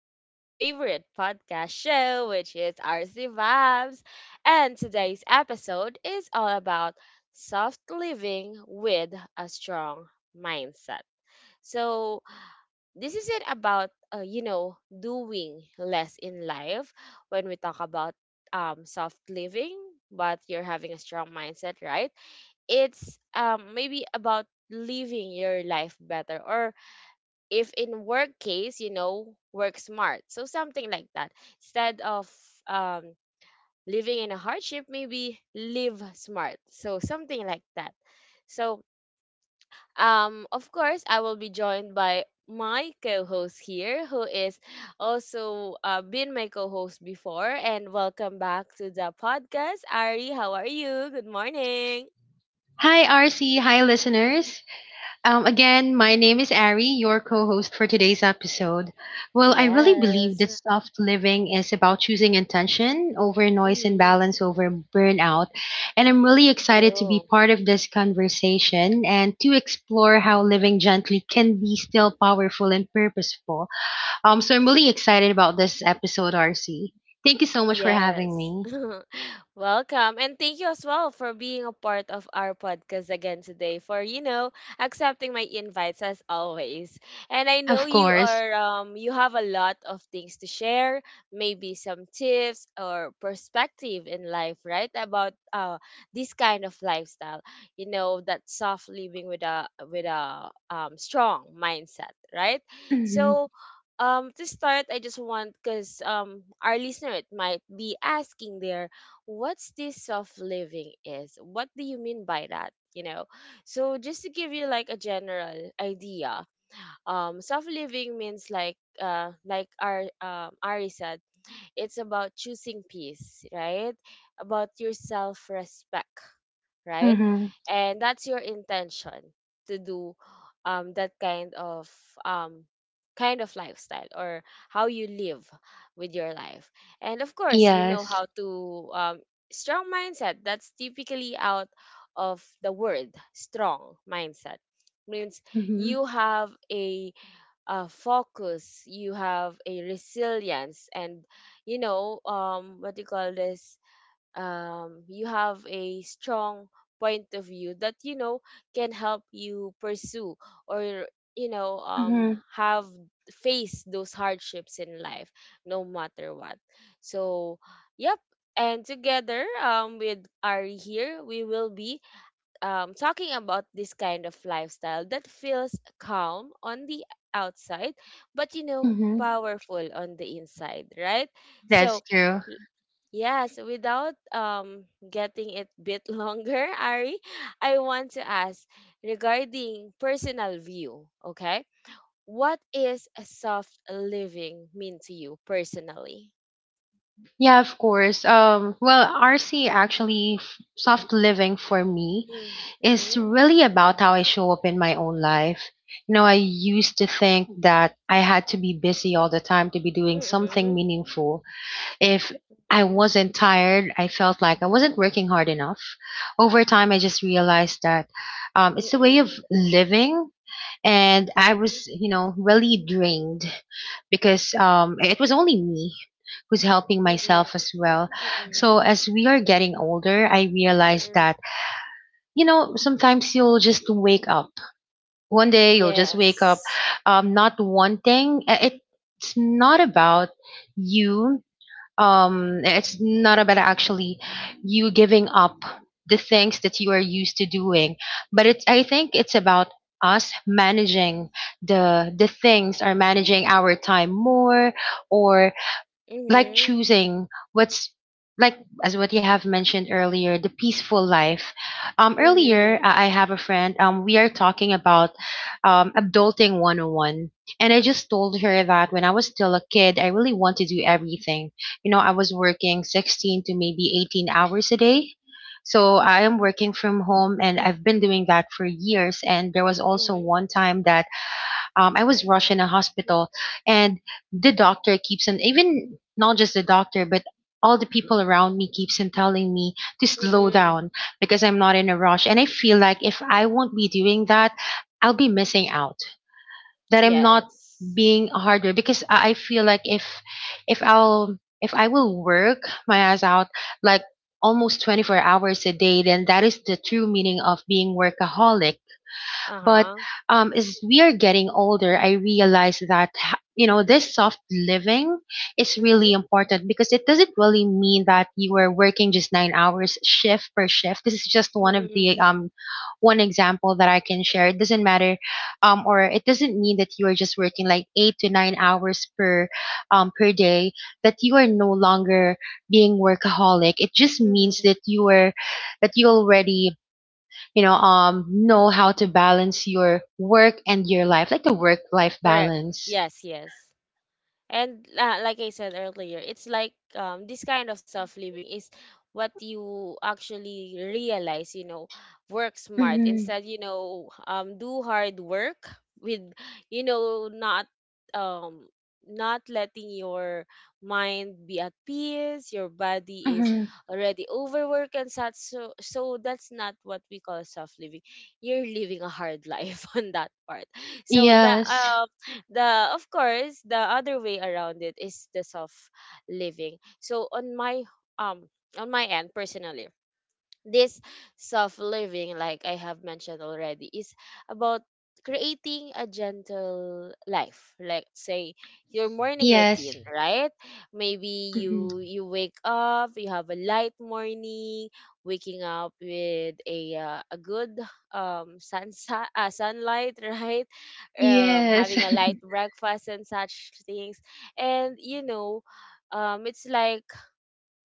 from your favorite podcast show, which is RC Vibes. And today's episode is all about soft living with a strong mindset. So, this is not about, doing less in life when we talk about soft living, but you're having a strong mindset, right? It's maybe about living your life better, or if in work case, work smart, so something like that. Instead of um living in a hardship, maybe live smart, so something like that. So, of course, I will be joined by my co-host here, who is also been my co-host before. And welcome back to the podcast, Ari. How are you? Good morning. Hi, RC. Hi, listeners. Again, my name is Ari, your co host for today's episode. Well, I really believe Yes. that soft living is about choosing intention over noise and balance over burnout. And I'm really excited to be True. part of this conversation and to explore how living gently can be still powerful and purposeful. So I'm really excited about this episode, RC. Thank you so much for having Yes. me. Welcome. And thank you as well for being a part of our podcast again today, for, accepting my invites as always. And I know Of course. You have a lot of things to share, maybe some tips or perspective in life, right? About this kind of lifestyle, that soft living with a strong mindset, right? hmm So, to start, I just want, because our listener, it might be asking there, what's this soft living is, what do you mean by that, so just to give you like a general idea. Soft living means, like our Ari said, it's about choosing peace, right? About your self respect, right? hmm And that's your intention to do, that kind of um, kind of lifestyle, or how you live with your life. And of course, you know Yes. how to, strong mindset. That's typically out of the word strong mindset. Means hmm you have a focus, you have a resilience, and what do you call this? You have a strong point of view that can help you pursue, or you know um, have face those hardships in life, no matter what. So, yep. And together, with Ari here, we will be talking about this kind of lifestyle, that feels calm on the outside but, Mm-hmm. powerful on the inside, right? That's So, true. yes, without getting it bit longer, Ari, I want to ask regarding personal view, okay? What is a soft living mean to you personally? Yeah, of course. Well, RC actually, soft living for me Mm, is mm, really about how I show up in my own life. You know, I used to think that I had to be busy all the time to be doing mm, something mm, meaningful. If I mm, wasn't tired, I felt like I wasn't working hard enough. Over time, I just realized that it's a way of mm, living, and I was, you know, really drained because it was only me who's helping mm, myself as well. mm, mm, So as we are getting older, I realized mm. that you know sometimes you'll just wake up. One day you'll just wake up, Yes. Not wanting. It's not about you it's not about actually you giving up the things that you are used to doing but it's I think it's about us managing the things are managing our time more or like Mm-hmm. choosing what's like as what you have mentioned earlier, the peaceful life. Earlier, Mm-hmm. I have a friend. We are talking about adulting 101, and I just told her that when I was still a kid I really want to do everything. You know, I was working 16 to maybe 18 hours a day, so I am working from home and I've been doing that for years. And there was also Mm-hmm. one time that I was rushed in a hospital, and the doctor keeps on, even not just the doctor, but all the people around me keeps on telling me to slow Mm-hmm. down because I'm not in a rush, and I feel like if I won't be doing that, I'll be missing out. That I'm not Yes. being a hard worker because I feel like if I'll if I will work my ass out like almost 24 hours a day, then that is the true meaning of being workaholic. But Uh-huh. As we are getting older, I realize that you know, this soft living is really Mm-hmm. important because it doesn't really mean that you are working just 9 hours shift per shift. This is just one of the one example that I can share. It doesn't matter, or it doesn't mean that you are just working like 8 to 9 hours per per day, that you are no longer being workaholic. It just means Mm-hmm. that you are, that you already, you know, know how to balance your work and your life, like the work life Correct. balance. Yes, yes. And like I said earlier, it's like, this kind of self living is what you actually realize, work smart Hmm instead, do hard work with, you know, not um not letting your mind be at peace, your body is hmm already overworked and such. So that's not what we call self living. You're living a hard life on that part. So that yes the of course, the other way around it is the soft living. So, um on my end, personally, this soft living, like I have mentioned already, is about creating a gentle life. Like, say your morning routine, yes right? Maybe hmm you wake up, you have a light morning, waking up with a good sunlight, right? Yes Having a light breakfast and such things, and you know. It's like,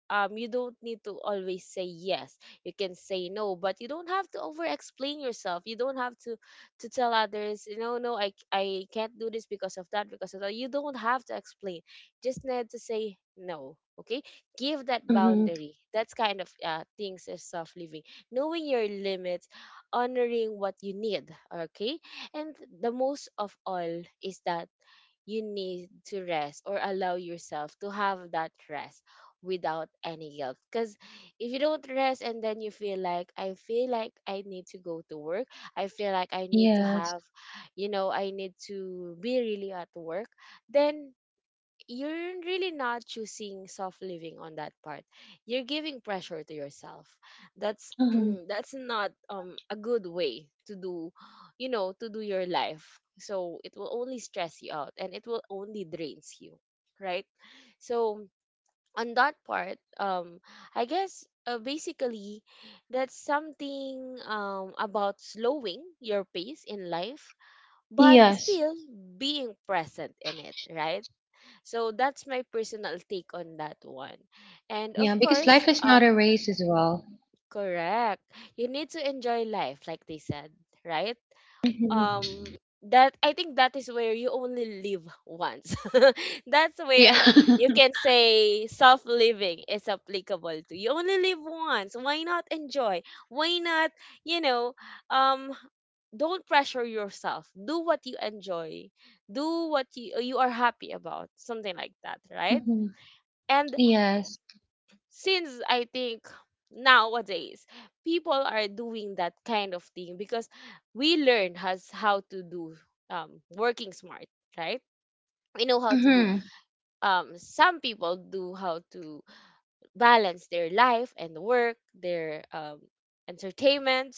you don't need to always say yes, you can say no, but you don't have to over explain yourself, you don't have to tell others, no, I can't do this because of that, because of that, you don't have to explain, just need to say no, okay? Give that hmm boundary. That's kind of things is self living. Knowing your limits, honoring what you need, okay? And the most of all is that you need to rest, or allow yourself to have that rest without any guilt. Because if you don't rest and then you feel like, I feel like I need to go to work, I feel like I need to Yes. have, I need to be really at work, then you're really not choosing soft living on that part. You're giving pressure to yourself. That's hmm that's not a good way to do your life. So it will only stress you out, and it will only drains you, right? So on that part, I guess, basically, that's something about slowing your pace in life, but yes. still being present in it, right? So that's my personal take on that one. And Yeah, of because course, life is not a race as well. correct. You need to enjoy life, like they said, right? Hmm Um that I think that is where you only live once. That's yeah where you can say self-living is applicable to. You only live once. Why not enjoy? Why not, you know, um don't pressure yourself. Do what you enjoy. Do what you are happy about. Something like that, right? hmm And Yes. since, I think, nowadays people are doing that kind of thing, because we learn has how to do, working smart, right? We know how to do. hmm Some people do how to balance their life and work, their entertainment,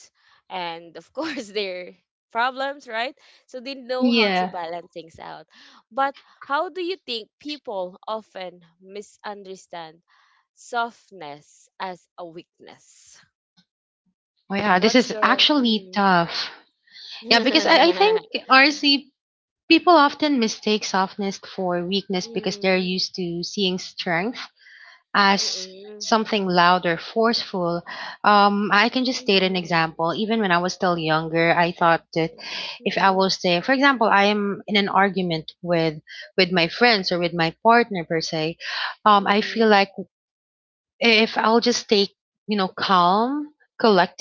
and of course their problems, right? So they know how to yeah. balance things out. But how do you think people often misunderstand softness as a weakness? Oh yeah, this What's is your actually mm, tough. Yeah, because I mm, think, RC, people often mistake softness for weakness because they're used to seeing strength as mm-mm, something loud or forceful. I can just state an mm-mm, example. Even when I was still younger, I thought that if I will say, for example, I am in an argument with my friends or with my partner per se, mm-mm, I feel mm-mm, like if I'll just stay, you know, calm,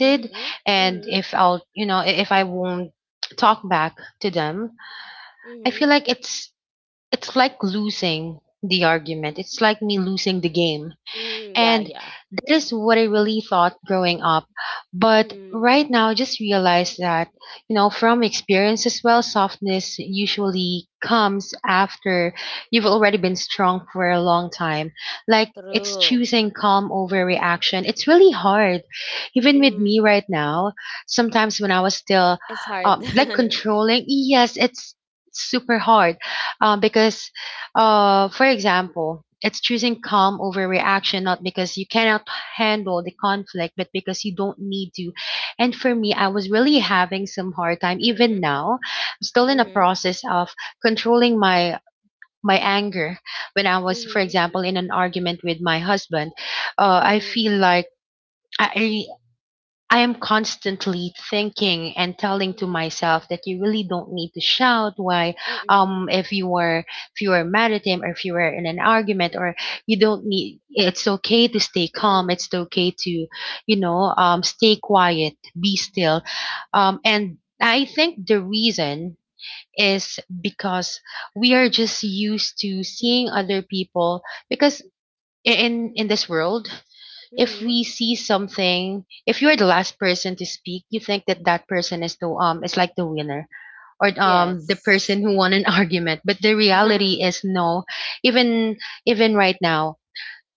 mhm, hmm, mm, and mm, if I'll, you know, if I won't talk back to them, I feel mm, like it's like losing the argument. It's like me losing the game. mm, And yeah, that is what I really thought growing up. But yeah. right now, I just realized that, you know, from experience as well, softness usually comes after you've already been strong for a long time. Like, it's True. choosing calm over reaction. It's really hard. Even with Mm-mm. me right now, sometimes when I was still, It's hard. Like, controlling, yes, it's super hard because for example, it's choosing calm over reaction, not because you cannot handle the conflict, but because you don't need to. And for me, I was really having some hard time. Even Mhm. now, I'm still in a Mhm. process of controlling my anger when I was, for Mhm. example, in an argument with my husband. I Mhm. feel like I I am constantly thinking and telling to Mhm. myself that you really don't need to shout. Why, Mhm. If you were, if you were mad at him, or if you were in an argument, or you don't need. It's okay to stay calm. It's Mhm. okay to, you know, stay quiet, be still. And I think the reason is because we are just used to seeing Mhm. other people because in this world, if Mhm. we see something, if you're the last person to speak, you think that that person is the is like the winner, or the Yes. person who won an argument. But the reality is no. Even even right now,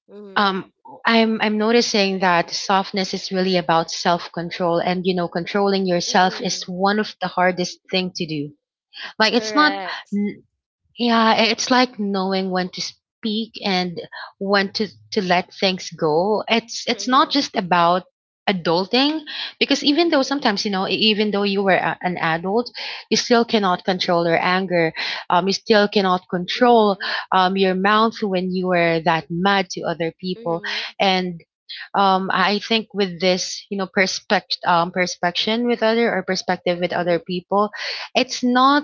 Mhm. um I'm noticing that softness is really about self-control, and you know, controlling yourself is Mhm. one of the hardest thing to do. Like, it's not, Correct. yeah, it's like knowing when to speak and when to let things go. It's not Mhm. just about adulting, because even though Mhm. sometimes, you know, even though you were a, an adult, you still cannot control your anger. You still cannot control Mhm. Your mouth when you were that mad to other people. Mhm. And I think with this, you know, perspection with other, or perspective with other Mhm. people, it's not,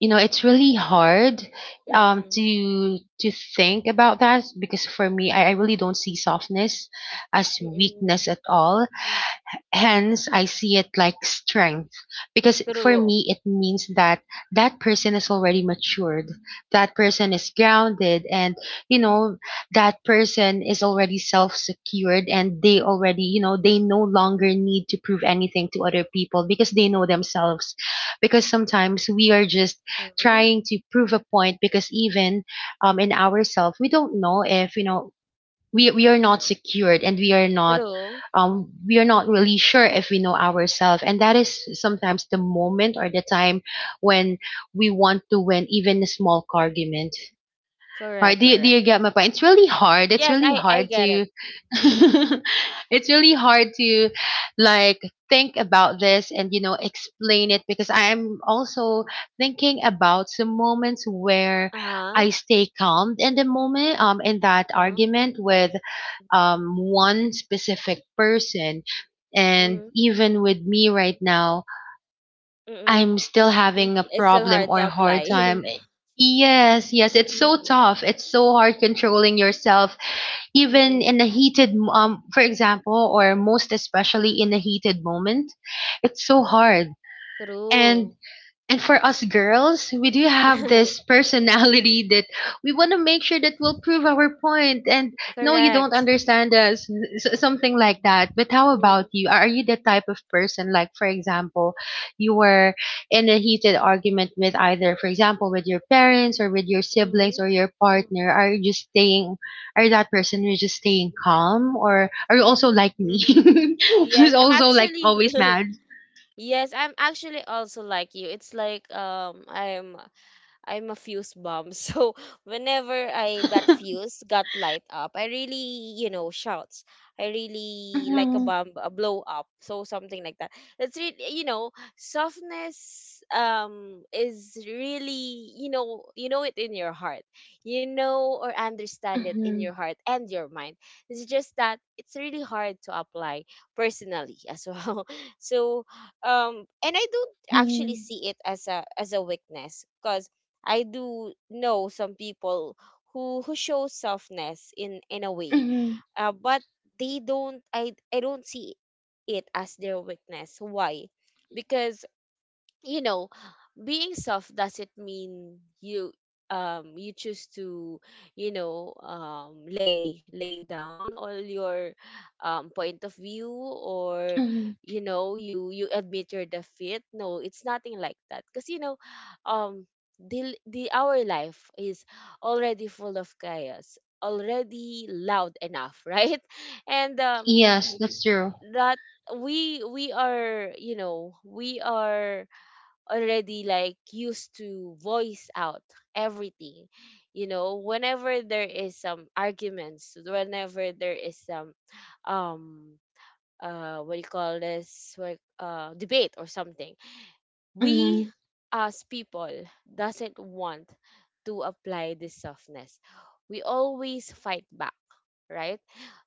you know, it's really hard Mhm. to think about that because for me, I really don't see softness as Mhm. weakness at all. Mhm. Hence, I see it like strength because for True. me, it means that that person is already matured. That person is grounded and, you know, that person is already self secured, and they already, you know, they no longer need to prove anything to other people because they know themselves. Because sometimes we are just Mhm. trying to prove a point because even in ourselves, we don't know if, you know, we are not secured and True. We are not really sure if we know ourselves, and that is sometimes the moment or the time when we want to win even a small argument. Right? Correct. Do you, do Correct. you get my point? It's really hard. It's Yes, really I hard get it. to, it's really hard to, like, think about this and you know, explain it, because I am also thinking about some moments where Uh-huh. I stay calm in the moment, in that Uh-huh. argument with, one specific person, and Mhm. even with me right now, Mhm. I'm still Mhm. having a It's still problem hard or to hard apply. time. Yes, yes, it's so Hmm. tough. It's so hard controlling yourself, even Mm, in a heated, for example, or most especially in a heated moment. It's so hard. And true. and for us girls, we do have this personality that we want to make sure that we'll prove our point. And no, you don't Correct. understand us, something like that. But how about Mm, you? Are you the type of person, like, for example, you were in a heated argument with either, for example, with your parents or with your mm, siblings or your mm, partner? Are you just staying, are you that person who's just staying calm, or are you also like me? hmm. Yes, Who's I'm also like actually always mad? yes, I'm actually also like you. It's like, I'm a fuse bomb. So whenever I that fuse got light up, I really, shouts. I really like a Mhm. bomb, a blow up. So something like that. It's really, softness is really, you know it in your heart. You know or understand it in Mhm. your heart and your mind. It's just that it's really hard to apply personally as well. So, and I don't actually Mhm, see it as a weakness, 'cause I do know some people who show softness in a way, mhm, but they don't. I don't see it as their weakness. Why? Because, you know being soft doesn't mean you choose to, lay down all your point of view, or mhm. You admit your defeat. No, it's nothing like that. Because, um the our life is already full of chaos, already loud enough, right? And, Yes, that's true. that, we are already, like, used to voice out everything, whenever there is some arguments, whenever there is some, um what do you call this, like, debate or something, we Mhm, as people doesn't want to apply this softness, we always fight back, right?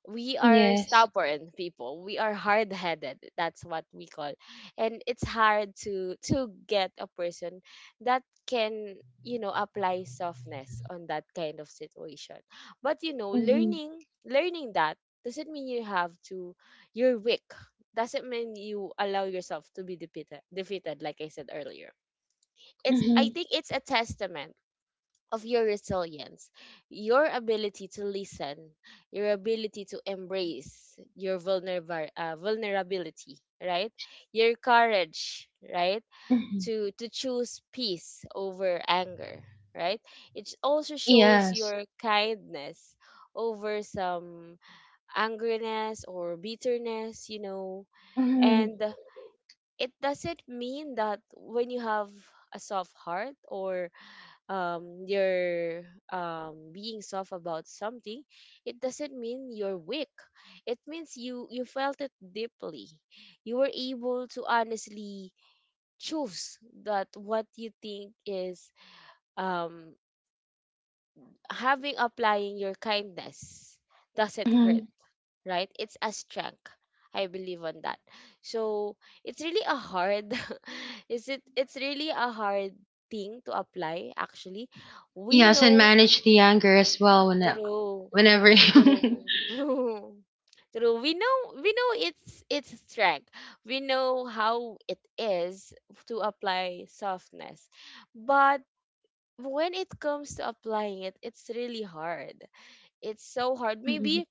We are yes. stubborn people, we are hard-headed, that's what we call. And it's hard to get a person that can, apply softness on that kind of situation. But, Mhm, learning that, doesn't mean you have to you're weak, doesn't mean you allow yourself to be defeated, like I said earlier. It's, I mhm, think, it's a testament of your resilience, your ability to listen, your ability to embrace your vulnerable vulnerability, right? Your courage, right? mhm. To choose peace over anger, right? It also shows Yes. your kindness over some angriness or bitterness, Mhm, and it doesn't mean that when you have a soft heart, or, you're, being soft about something, it doesn't mean you're weak, it means you felt it deeply, you were able to honestly choose that, what you think is, um, having applying your kindness doesn't hurt, mhm. right? It's a strength. I believe on that. So it's really a hard is it it's really a hard thing to apply, actually. We Yes, and know manage the anger as well when through whenever. through through, we know it's strength. We know how it is to apply softness. But when it comes to applying it, it's really hard, it's so hard. Mhm, Maybe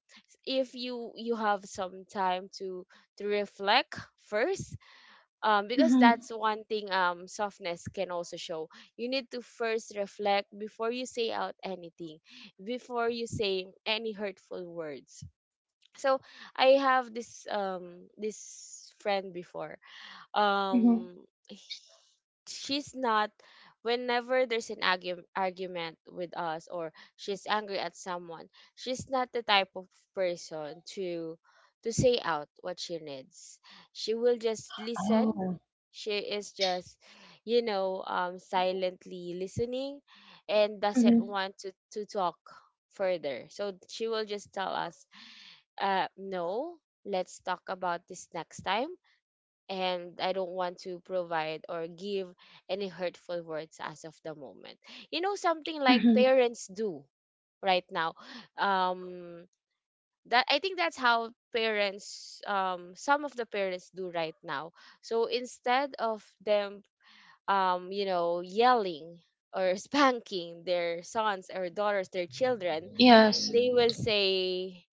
if you have some time to reflect first, because mhm, that's one thing, softness can also show you need to first reflect before you say out anything, before you say any hurtful words. So I have this friend before. mhm. um h- she's not, whenever there's an argument with us or she's angry at someone, she's not the type of person to say out what she needs. She will just listen. Oh. She is just, silently listening, and doesn't Mhm, want to talk further. So she will just tell us, no, let's talk about this next time, and I don't want to provide or give any hurtful words as of the moment. Something like mhm. parents do right now. Um, that I think that's how parents, some of the parents do right now. So instead of them, yelling or spanking their sons or daughters, their children, Yes. they will say,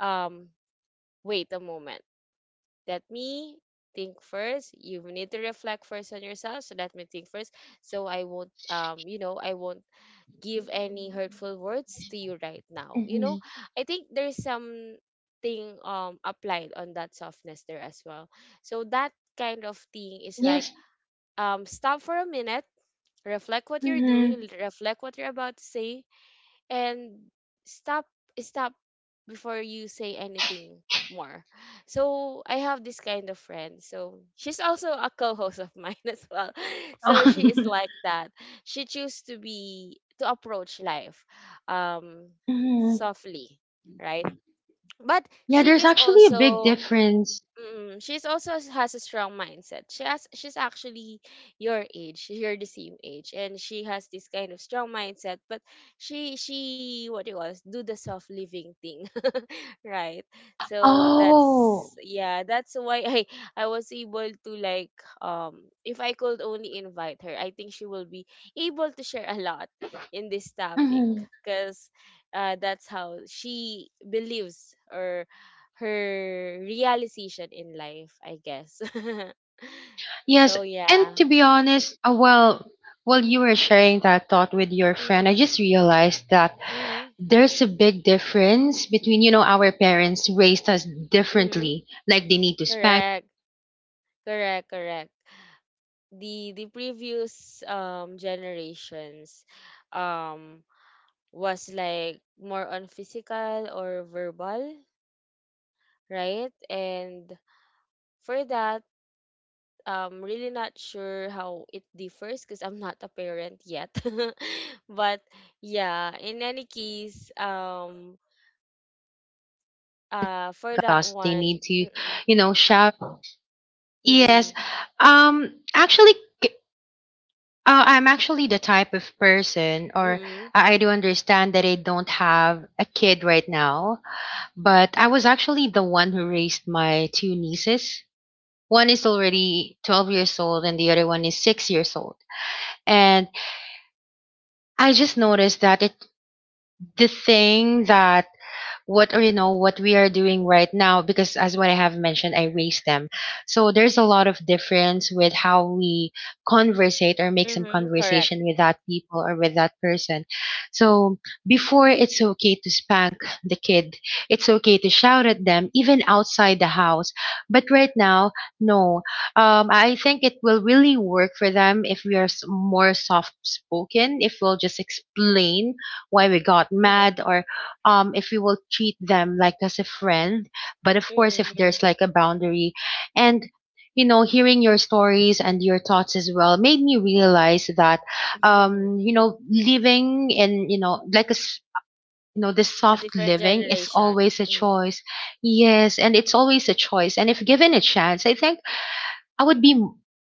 um, wait a moment. Let me think first. You need to reflect first on yourself. So let me think first. So I won't give any hurtful words to you right now. Mhm. I think there's something applied on that softness there as well. So that kind of thing is like, Yes. Stop for a minute, reflect what you're Mhm. doing, reflect what you're about to say, and stop stop before you say anything more. So I have this kind of friend. So she's also a co-host of mine as well. So Oh. she is like that. She chooses to approach life um Mhm. softly, right? But Yeah, she there's is actually a big also. difference. Mm, she's also has a strong mindset. She's actually your age. You're the same age, and she has this kind of strong mindset. But she what do you call this, do the self living thing, right? So Oh. that's why I I was able to, like, if I could only invite her, I think she will be able to share a lot in this topic. Hmm. Because that's how she believes, or her realization in life, I guess. Yes, So and yeah. to be honest, well, while you were sharing that thought with your Mm-hmm, friend, I just realized that mm-hmm. there's a big difference between, you know, our parents raised us Mm-hmm. differently. Like they need to spank Correct, correct, correct. The previous generations um was like more on physical or verbal, right? And for that, really not sure how it differs because I'm not a parent yet. But yeah, in any case, for that us, they one. need to, Mm-mm, you know, shout. Yes. mm-mm, Actually, c- I'm actually the type of person, or mm-mm, I do understand that I don't have a kid right now, but I was actually the one who raised my two nieces. One is already 12 years old and the other one is 6 years old. And I just noticed that it the thing that what what we are doing right now, because as what I have mentioned, I raised them. So there's a lot of difference with how we conversate or make some mm-mm, correct. conversation with that people or with that person. So before, it's okay to spank the kid. It's okay to shout at them even outside the house, but right now, no. I think it will really work for them if we are more soft spoken, if we'll just explain why we got Mm-mm, mad, or if we will treat them like as a friend, but of course if mm-mm. there's like a boundary. And hearing your stories and your thoughts as well made me realize that living in you know like a s- this A soft different living is generation. always a Mm. choice. Yes, and it's always a choice, and if given a chance, I think I would be,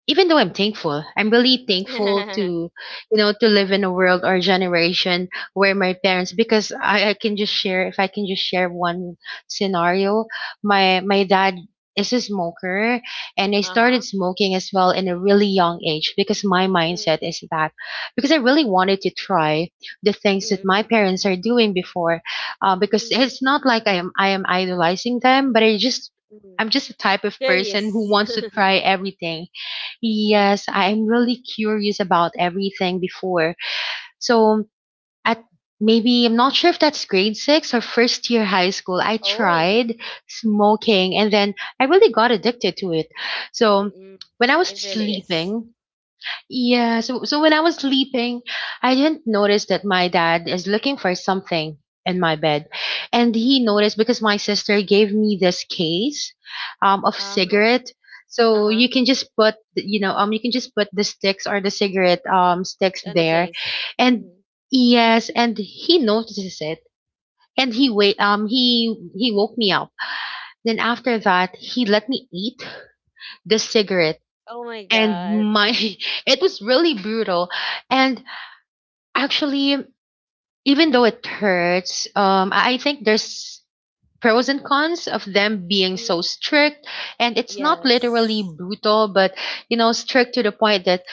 even though I'm thankful, I'm really thankful to, you know, to live in a world or generation where my parents, because I can just share, if I can just share one scenario. My dad is a smoker, and I Uh-huh. started smoking as well in a really young age because my Mm, mindset is that, because I really wanted to try the things that my mm, parents are doing before. Because it's mm, not like I am idolizing them, but I just, I'm mm. just the type of person who Serious. wants to try everything. Mm. Yes, I'm really curious about everything before. So at maybe I'm not sure if that's grade 6 or first year high school, I Oh. tried smoking, and then I really got addicted to it. So Mm-mm. when I was It really is. sleeping, yeah, so when I was sleeping, I didn't notice that my dad is looking for something in my bed. And he noticed because my sister gave me this case of Uh-huh. cigarette. So you Uh-huh. can just put the sticks or the cigarette sticks On the there. case. And, Mm-hmm. yes, and he notices it. And he wait he woke me up. Then after that, he let me eat the cigarette Oh my and God. my it was really brutal, and actually, even though it hurts, I think there's pros and cons of them being so Mm-hmm. strict, and it's not literally Yes. brutal, but strict to the point that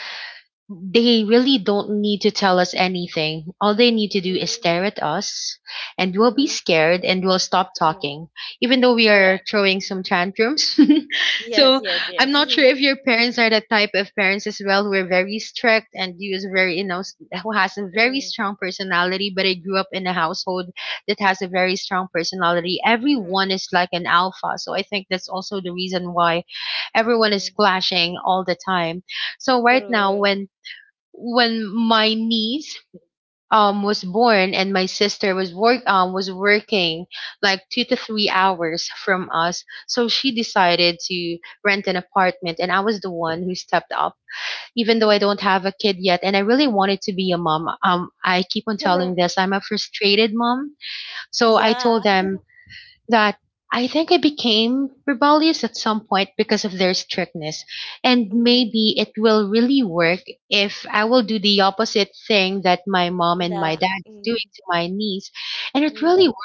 they really don't need to tell us anything. All they need to do is Mm-hmm. stare at us, and we'll be Mm-hmm. scared and we'll stop Mm-hmm. talking, even though we are Correct. throwing some tantrums. So Yes, yes, I'm yes. not sure if your parents are the type of parents as well who are very strict and who is very, who has a very Mm-hmm. strong personality. But I grew up in a household that has a very strong personality. Everyone Mm-hmm. is like an alpha, so I think that's also the reason why everyone is Mm-hmm. clashing all the time. So right now, when True. My niece was born and my sister was working like 2 to 3 hours from us, so she decided to rent an apartment, and I was the one who stepped up. Even though I don't Mm-hmm. have a kid yet, and I really wanted to be a mom, I keep on telling this, I'm a frustrated mom. So I Yeah. told them that I think I became rebellious at some point because of their strictness, and Mm-hmm. maybe it will really work if I will do the opposite thing that my mom and my The. dad is doing to my niece. And it really, Mm-hmm.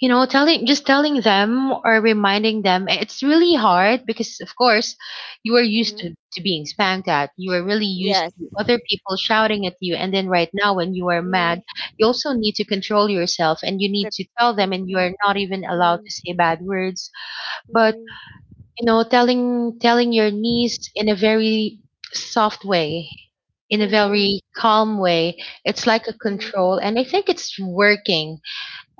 you know telling just telling them or reminding them, eh, it's really hard, because of course you are used Mm-hmm. to being spanked at, you are really used Yes. to other people shouting at you, and then right now when you are mad, Mm-hmm. you also need to control yourself, and you The. need to tell them, and Mm-hmm. you are not even allowed Mhm, to say bad words. But mhm, telling your niece in a very soft way, in a mhm, very calm way, it's like a mhm, control, and I think it's working.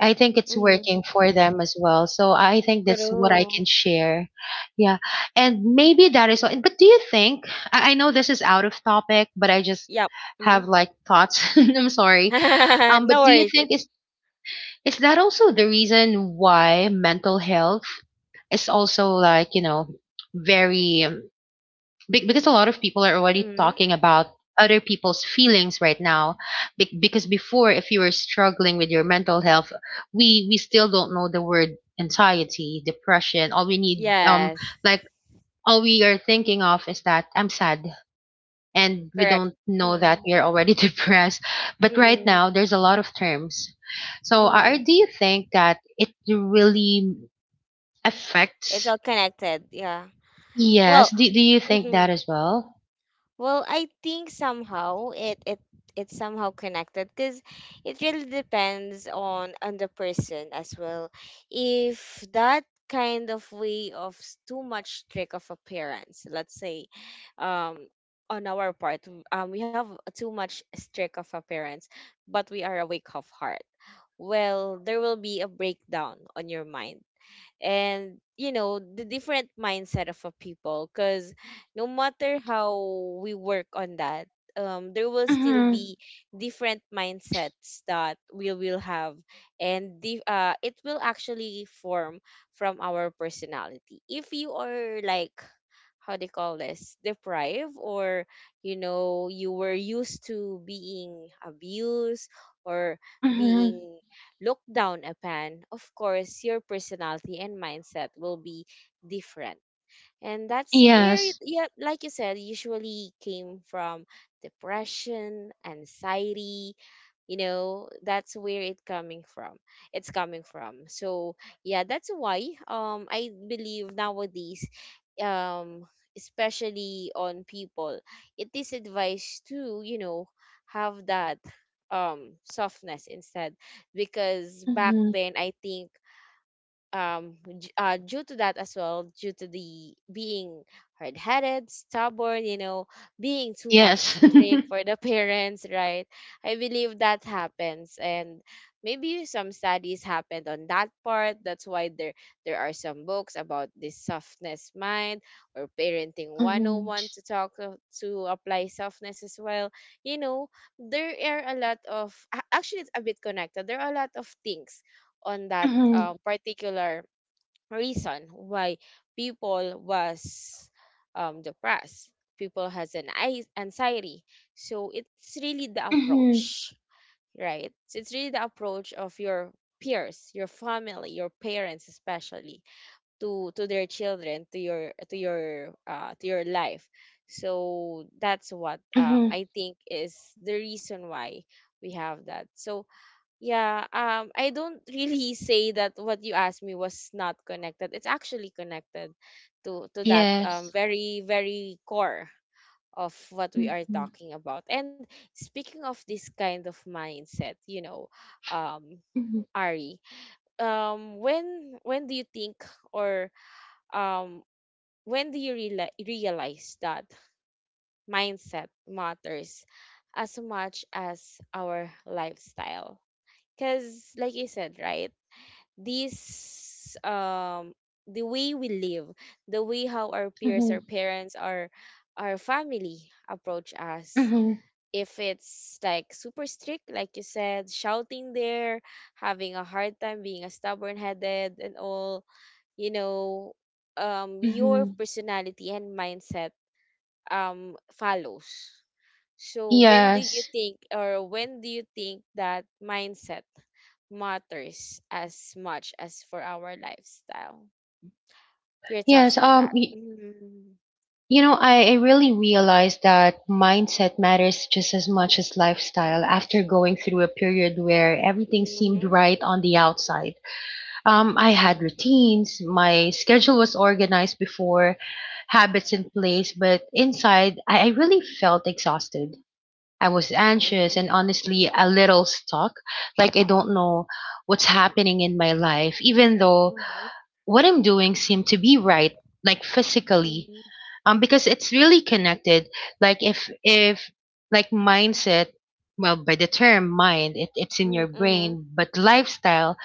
I think it's working mhm. for them as well. So I think that's what I can True. share. Yeah. And maybe that is all. But do you think, I know this is out of topic, but I just Yup. Mhm. have like thoughts. I'm sorry. No But do you worries. think It's. is that also Mm, the reason why mental health is also like, very, because a lot of people are already mm. talking about other people's feelings right now? Because before, if you were struggling with your mental health, we still don't know the word anxiety, depression. Yes. like all we are thinking of is that I'm sad, and we Correct. don't know that Mm, we are already depressed. But right mm, now there's a lot of terms, so are mm. do you think that it really It's affects? all connected. Yeah. Yes, Well, do you think mm-hmm. that as well? Well, I think somehow it's somehow connected because it really depends on the person as well. If that kind of way of too much trick of appearance, let's say, um, on our part, we have too much strict of appearance, but we are awake of heart. Well, there will be a breakdown on your mind, and you know the different mindset of a people, because no matter how we work on that, there will still Mm-hmm. be different mindsets that we will have. And it will actually form from our personality. If you are like, how they call this, deprived, or, you know, you were used to being abused, or being looked down upon, of course your personality and mindset will be different. And that's where Yes. yeah, like you said, usually came from depression, anxiety. You know, that's where it coming from, it's coming from, so yeah. That's why, I believe nowadays, um especially on people, it is advised to, you know, have that softness instead. Because back Mhm. then I think, due to that as well, due to the being hard-headed, stubborn, you know, being too much Yes. strict for the parents, right? I believe that happens, and maybe some studies happened on that part. That's why there are some books about this softness mind, or parenting Mhm. 101, to apply softness as well. You know, there are a lot of actually, it's a bit connected. There are a lot of things on that, Mhm. Particular reason why people was, depressed, people has anxiety. So it's really the Mhm. approach, right? So it's really the approach of your peers, your family, your parents especially, to their children, to your life. So that's what, Mhm. I think, is the reason why we have that, so yeah. I don't really say that what you asked me was not connected. It's actually connected to that Yes. very very core of what we are Mhm. talking about. And speaking of this kind of mindset, you know, um, Mhm. Ari, when do you think, or um when do you realize that mindset matters as much as our lifestyle? Because, like you said, right? This, the way we live, the way how our peers, our Mhm. parents, our family approach us, Mhm. if it's like super strict like you said, shouting there, having a hard time being a stubborn headed and all, you know, your Mhm. personality and mindset, follows. So when do you Yes. think, or when do you think that mindset matters as much as for our lifestyle? Your Yes. thoughts on that? Mm-hmm. I really realized that mindset matters just as much as lifestyle after going through a period where everything seemed Mm-hmm. right on the outside. I had Mm-hmm. routines, my schedule was organized before, habits in place, but inside, I really felt exhausted. I was anxious Mm-hmm. and honestly a little stuck. Like I don't know what's happening in my life, even though what I'm doing seemed to be right, like physically. Mm-hmm. Because it's really connected. Like if like mindset, well, by the term mind, it's in Mm-hmm. your Mm-hmm. brain, but lifestyle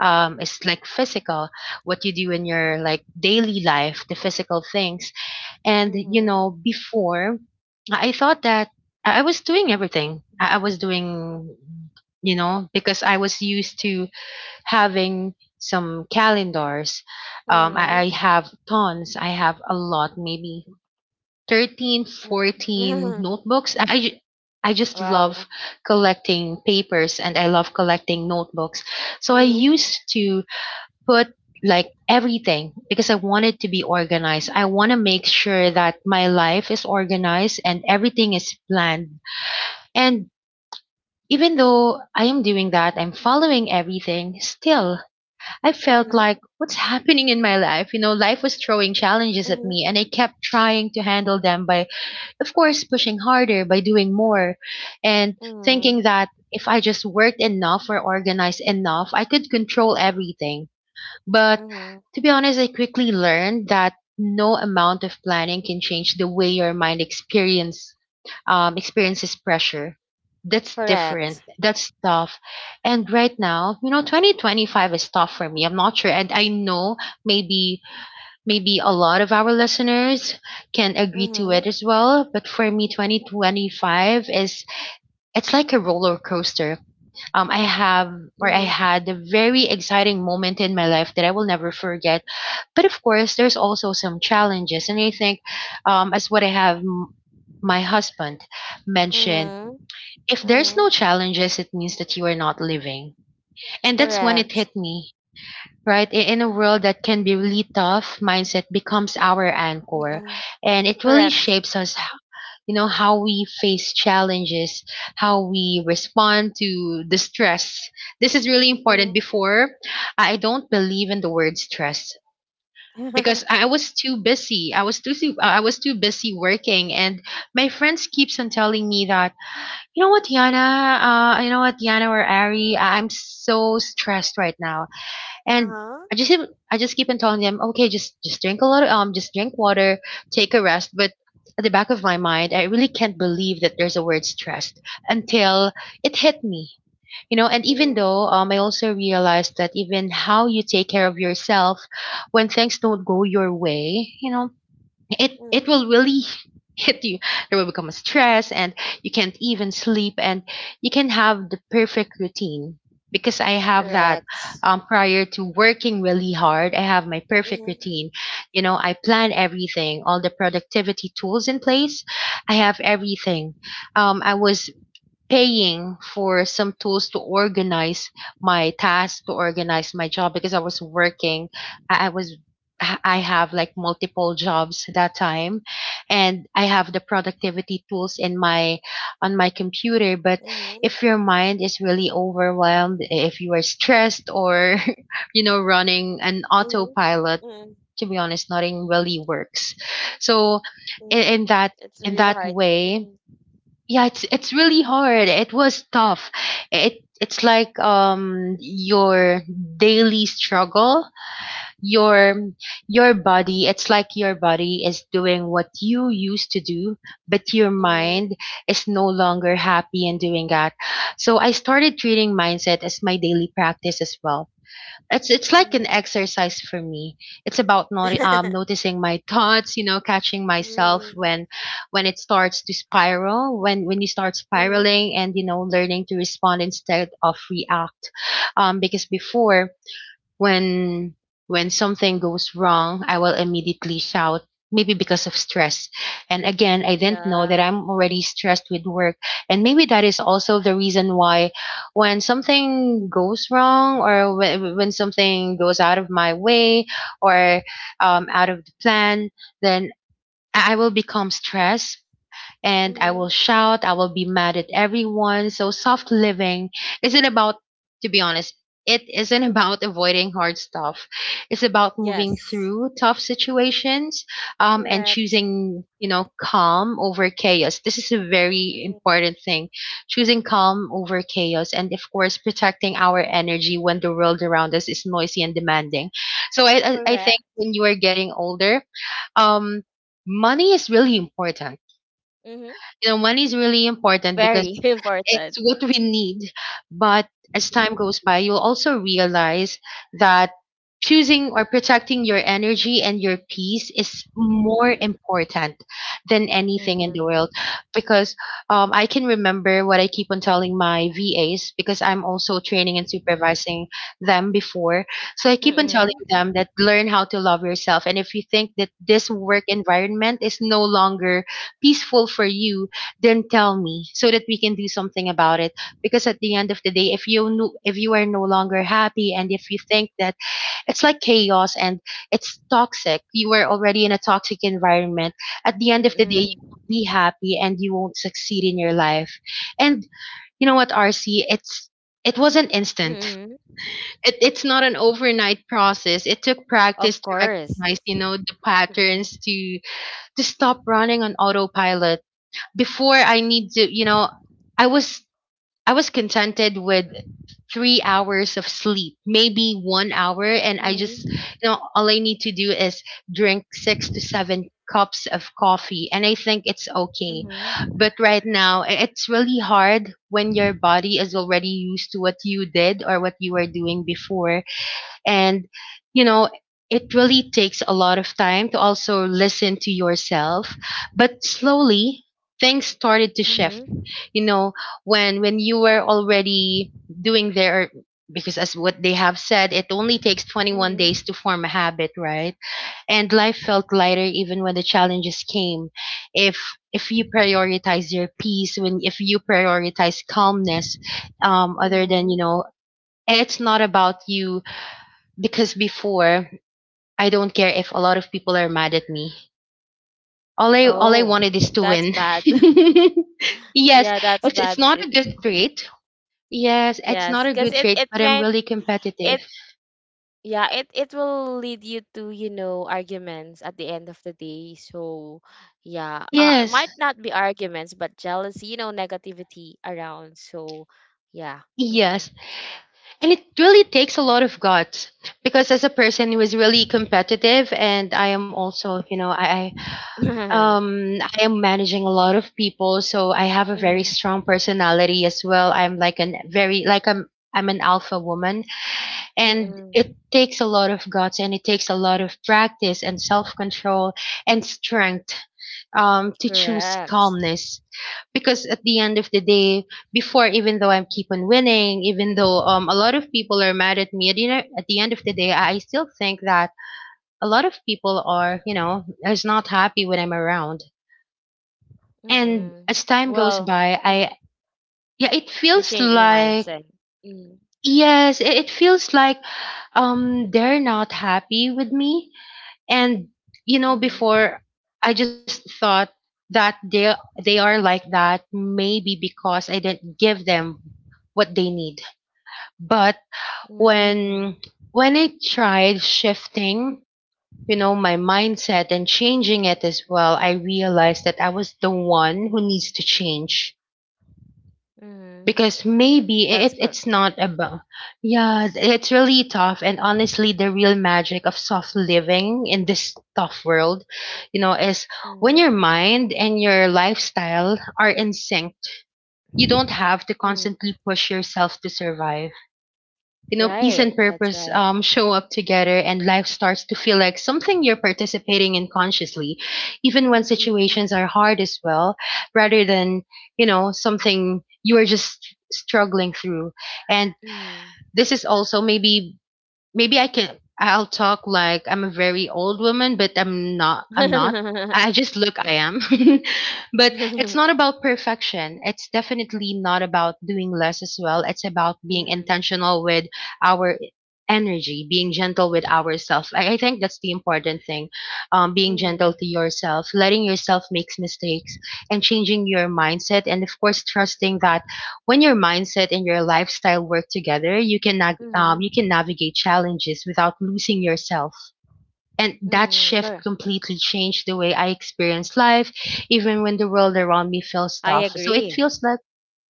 is like physical, what you do in your like daily life, the physical things. And Mm-hmm. Before, I thought that I was doing everything. I was doing, because I was used to having some calendars. Mm-hmm. I have tons. I have a lot, maybe 13, 14 notebooks. I just Wow. love collecting papers, and I love collecting notebooks. So I Mm-hmm. used to put like everything, because I want it to be organized. I want to make sure that my life is organized and everything is planned. And even though I am doing that, I'm following everything, still, I Mm-hmm. felt like, what's happening in my life? You know, life was throwing challenges at Mm-hmm. me, and I kept trying to handle them by, of course, pushing harder, by doing more, and Mm-hmm. thinking that if I just worked enough or organized enough, I could control everything. But Mm-hmm. to be honest, I quickly learned that no amount of planning can change the way your mind experiences pressure. That's different. Correct. That's tough. And right now, 2025 is tough for me. I'm not sure. And I know, maybe, a lot of our listeners can agree to Mm-hmm. it as well. But for me, 2025 is it's like a roller coaster. I have, or I Mm-hmm. had, a very exciting moment in my life that I will never forget, but of course, there's also some challenges, and I think, as what my husband mentioned, Mm-hmm. if there's Mm-hmm. no challenges, it means that you are not living, and that's when it Correct. hit me. Right, in a world that can be really tough, mindset becomes our anchor, Mm-hmm. and it really Correct. shapes us, how we face challenges, how we respond to the stress. This is really important. Mm-hmm. Before, I don't believe in the word stress, because I was too busy. I was too busy working, and my friends keeps on telling me that, you know what, Yana, Yana or Ari, I'm so stressed right now, and Uh-huh. I just keep on telling them, okay, just drink water, take a rest. But at the back of my mind, I really can't believe that there's a word stressed until it hit me. And even Mm-hmm. though I also realized that even how you take care of yourself when things don't go your way, it will really hit you. There will become a stress, and you can't even sleep, and you can have the perfect routine, because I have that, Correct. Prior to working really hard, I have my perfect routine. I plan everything, all the productivity tools in place, I have everything. I was paying for some tools to organize my tasks, to organize my job, because I was working. I I was I have like multiple jobs that time, and I have the productivity tools in my on my computer. But Mm-hmm. if your mind is really overwhelmed, if you are stressed, or running an Mm-hmm. autopilot, Mm-hmm. to be honest, nothing really works. So in, Mm-hmm. in that It's really in that hard. way, Mm-hmm. yeah, it's really hard, it was tough. It's like your daily struggle, your your body, it's like your body is doing what you used to do, but your Mm-hmm. mind is no longer happy in doing that. So I started treating mindset as my daily practice as well. It's like an Mm-hmm. exercise for me. It's about not, noticing my thoughts, catching myself Mm-hmm. When it starts to spiral, when you start Mm-hmm. spiraling, and you know, learning to respond instead of react. Because before when when something goes wrong, I will immediately shout, maybe because of stress. And again, I didn't Yeah. know that I'm already stressed with work. And maybe that is also the reason why when something goes wrong or when something goes out of my way or out of the plan, then I will become stressed and I Mm-hmm. will shout, I will be mad at everyone. So soft living isn't about, to be honest, it isn't about avoiding hard stuff. It's about moving Yes. through tough situations and Correct. choosing, you know, calm over chaos. This is a very Mm-hmm. important thing. Choosing calm over chaos and, of course, protecting our energy when the world around us is noisy and demanding. So I I think Correct. when you are getting older, um, money is really important. Mm-hmm. You know, money is really important because Very important. it's what we need. But as time goes by, you'll also realize that choosing or protecting your energy and your peace is more important than anything in the Mm-hmm. world. Because I can remember what I keep on telling my VAs because I'm also training and supervising them before. So I keep on telling Mm-hmm. them that learn how to love yourself. And if you think that this work environment is no longer peaceful for you, then tell me so that we can do something about it, because at the end of the day, if you no, if you are no longer happy and if you think that it's like chaos and it's toxic, you are already in a toxic environment. At the end of the day, you Mm-hmm. won't be happy and you won't succeed in your life. And you know what, rc, it's it wasn't instant. Mm-hmm. It's not an overnight process. It took Of practice to course. recognize, you know, the Mm-hmm. patterns, to stop running on autopilot. Before I need to, you know, I was I was contented with 3 hours of sleep, maybe one hour, and I just, Mm-hmm. you know, all I need to do is drink 6 to 7 cups of coffee, and I think it's okay. Mm-hmm. But right now, it's really hard when your body is already used to what you did or what you were doing before, and, you know, it really takes a lot of time to also listen to yourself. But slowly, things started to shift. Mm-hmm. You know, when you were already doing their, because as what they have said, it only takes 21 Mm-hmm. days to form a habit, right? And life felt lighter even when the challenges came. If if you prioritize your peace, when if you prioritize calmness, other than you Mm-hmm. know, and it's not about you, because before I don't care if a lot of people are mad at me. All Oh, I wanted is to that's win. bad. Yeah, Yes, that's bad. it's It, not a good trait. Yes, it's yes, not a because good it trait, but I'm meant, really it competitive. yeah, it will lead you to, you know, arguments at the end of the day. So yeah, it Yes. might not be arguments, but jealousy, you know, negativity around. So yeah. Yes. Mm-mm. And it really takes a lot of guts because as a person who is really competitive and I am also, you know, Mm, I am managing a lot of people, so I have a very strong personality as well. I'm like an very like I'm an alpha woman. And mm-mm. it takes a lot of guts and it takes a lot of practice and self-control and strength, to choose Correct. calmness. Because at the end of the day, before, even though I'm keep on winning, even though a lot of people are mad at me at, you know, at the end of the day, I still think that a lot of people are, you know, is not happy when I'm around. And Mm-mm. as time goes Well. by, Mm, I yeah, it you feels change your like mindset. Mm, yes, it feels like they're not happy with me. And you know, mm-hmm. before I just thought that they are like that maybe because I didn't give them what they need. But Mm, when when I tried shifting, you know, my mindset and changing it as well, I realized that I was the one who needs to change, mm-hmm. because maybe That's good. it's not about. Yeah, it's really tough, and honestly the real magic of soft living in this tough world, you know, is when Mm, your mind and your lifestyle are in sync. You don't have to mm. constantly push yourself to survive. You know, peace Right, and that's purpose right. Show up together, and life starts to feel like something you're participating in consciously, even when Mm, situations are hard as well, rather than, you know, something you are just struggling through. And this is also maybe maybe I can, I'll talk like I'm a very old woman, but I'm not I'm not. mm. I just look I am. But it's not about perfection. It's definitely not about doing less as well. It's about being Mhm. intentional with our energy, being gentle with ourselves. I think that's the important thing. Being gentle Mhm. to yourself, letting yourself make mistakes and changing your mindset, and of course trusting that when your mindset and your lifestyle work together, you can nag you Mhm. can navigate challenges without losing yourself. And that Mhm. shift Correct. completely changed the way I experience life, even when the world around me feels I tough. So it agree. feels like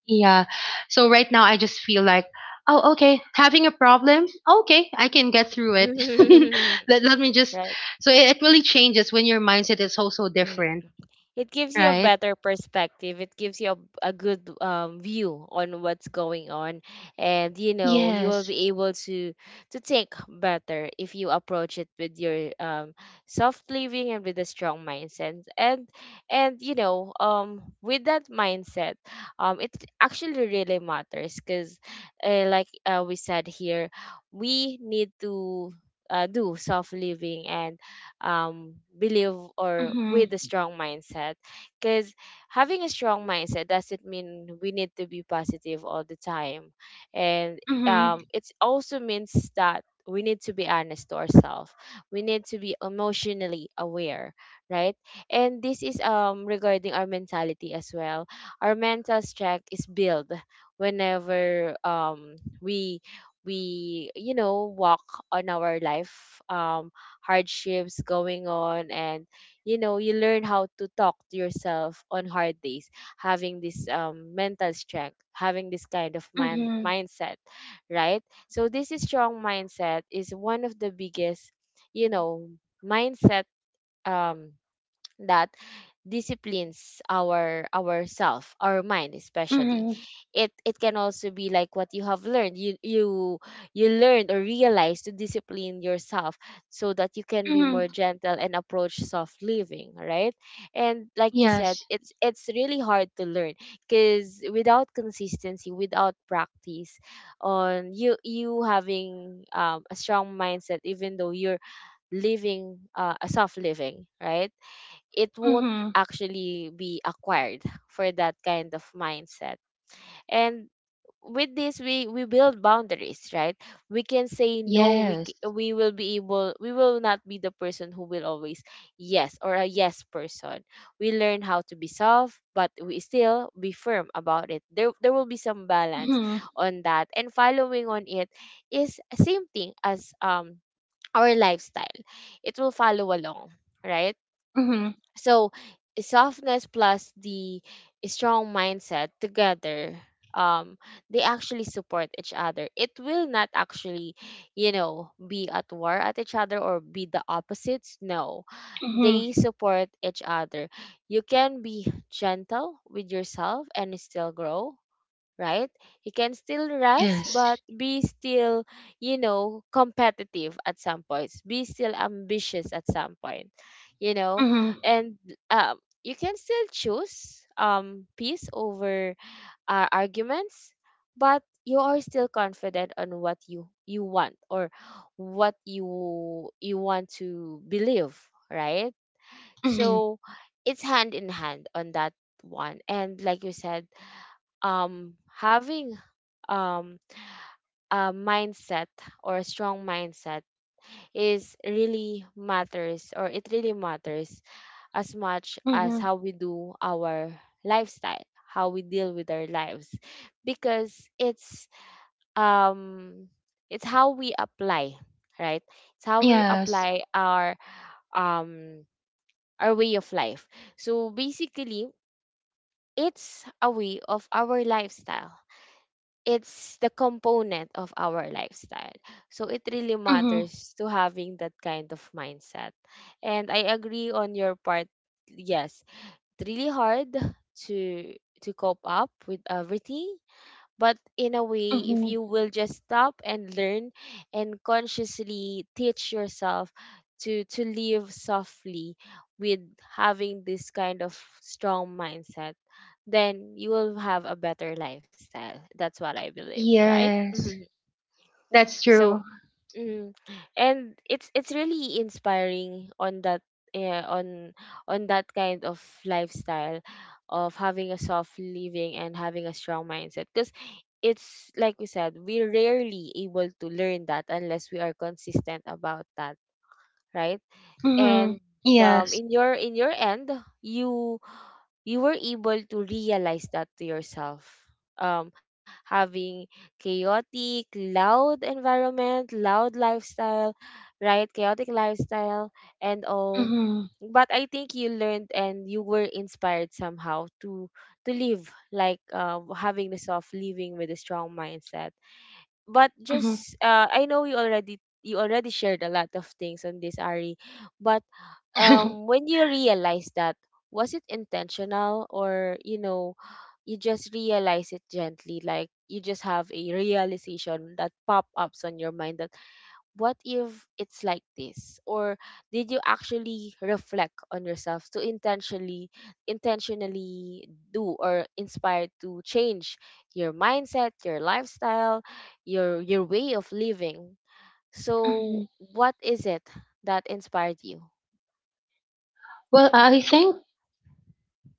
yeah. So right now I just feel like, oh okay, having a problem, okay, I can get through it. Let me just Right. so it really changes when your mindset is also Mm-hmm. different, It gives you a right? better perspective, it gives you a good, view on what's going on. And you know, you will Yes. be able to think better if you approach it with your, soft living and with a strong mindset, and you know, with that mindset, it actually really matters. Because, like, we said here, we need to, do soft living and, believe, or Mm-hmm. with a strong mindset. Because having a strong mindset doesn't mean we need to be positive all the time. And, Mm-hmm. It also means that we need to be honest to ourselves. We need to be emotionally aware, right? And this is, regarding our mentality as well. Our mental strength is built whenever, we we you know, walk on our life, hardships going on, and you know, you learn how to talk to yourself on hard days, having this, mental strength, having this kind of Mm-hmm. mindset, right? So this is strong mindset, is one of the biggest, you know, mindset, um that disciplines our ourself, our mind especially. Mm-hmm. It can also be like what you have learned, you learned or realize to discipline yourself, so that you can be more gentle and approach soft living, right? And like you said, Yes. it's really hard to learn, because without consistency, without practice on you having, a strong mindset, even though you're living, a soft living, right? It won't Mhm. actually be acquired for that kind of mindset. And with this, we build boundaries, right? We can say no, Yes. We will be able, we will not be the person who will always yes, or a yes person. We learn how to be soft, but we still be firm about it. There will be some balance Mhm. on that. And following on it is same thing as, our lifestyle. It will follow along, right? Mhm. So softness plus the strong mindset together, um they actually support each other. It will not actually, you know, be at war at each other, or be the opposites, no, Mhm. they support each other. You can be gentle with yourself and still grow, right? You can still rest, Yes. but be still, you know, competitive at some points. Be still ambitious at some point, you know, Mhm. and, um, you can still choose, peace over, arguments, but you are still confident on what you want, or what you want to believe, right? Mhm. So it's hand in hand on that one. And like you said having um, a mindset or a strong mindset is really matters or it really matters as much as Mhm. how we do our lifestyle, how we deal with our lives, because it's um it's how we apply, right, it's how we Yes. apply um our way of life. So basically, it's a way of our lifestyle, it's the component of our lifestyle. So it really Mhm. matters to having that kind of mindset. And I agree on your part. Yes, it's really hard to to cope up with everything, but in a way, if Mhm. you will just stop and learn and consciously teach yourself to live softly with having this kind of strong mindset, then you will have a better lifestyle. That's what I believe, right? Yes. That's So, true. mm, and it's really inspiring on that, yeah, on that kind of lifestyle of having a soft living and having a strong mindset, because it's like we said, we're rarely able to learn that unless we are consistent about that, right? Mhm. And Yes. In your end, you you were able to realize that to yourself, um having chaotic loud environment, loud lifestyle, right, chaotic lifestyle and all. Mhm. But I think you learned and you were inspired somehow to live like, having the soft living with a strong mindset. But Mhm. just, I know you already, you already shared a lot of things on this, Ari, but Mhm. When you realize that, was it intentional or, you know, you just realize it gently? Like you just have a realization that pop ups on your mind that what if it's like this? Or did you actually reflect on yourself to intentionally, intentionally do or inspired to change your mindset, your lifestyle, your way of living? So what is it that inspired you? Well, I think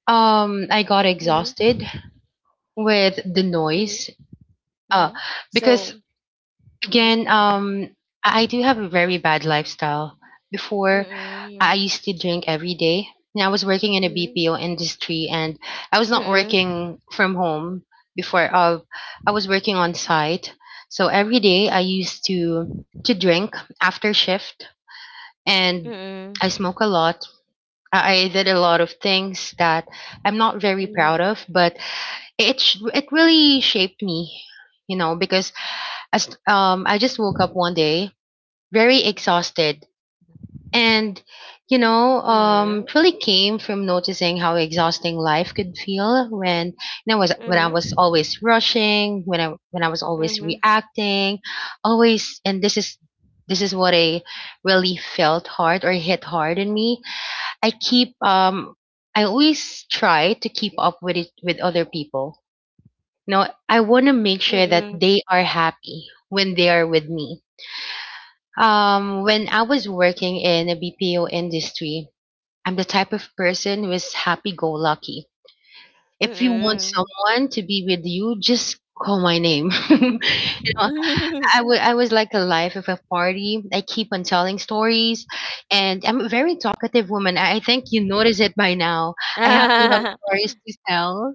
I got exhausted Mm-hmm. with the noise. Uh Mm-hmm. because So, mm-hmm. again, I do have a very bad lifestyle. Before, Mm-mm. I used to drink every day. And I was working in a BPO industry, and I was not Mm-mm. working from home before. I was working on site, so every day I used to drink after shift, and Mm-mm. I smoke a lot. I did a lot of things that I'm not very proud of, but it really shaped me, you know, because as I just woke up one day very exhausted. And, you know, Mm-mm. It really came from noticing how exhausting life could feel when, you know, was Mm-mm. when I Mm-mm. was always rushing, when I was always Mm-hmm. reacting, always. And this is what I really felt hard or hit hard in me. I keep I always try to keep up with it with other people. You know, I want to make sure that Mm-hmm. they are happy when they are with me, when I was working in a BPO industry, I'm the type of person who is happy go lucky. If you want Mm-mm. someone to be with you, just call my name. You know, I was like a life of a party. I keep on telling stories, and I'm a very talkative woman. I think you notice it by now. I have a lot of Mm-mm. stories to tell,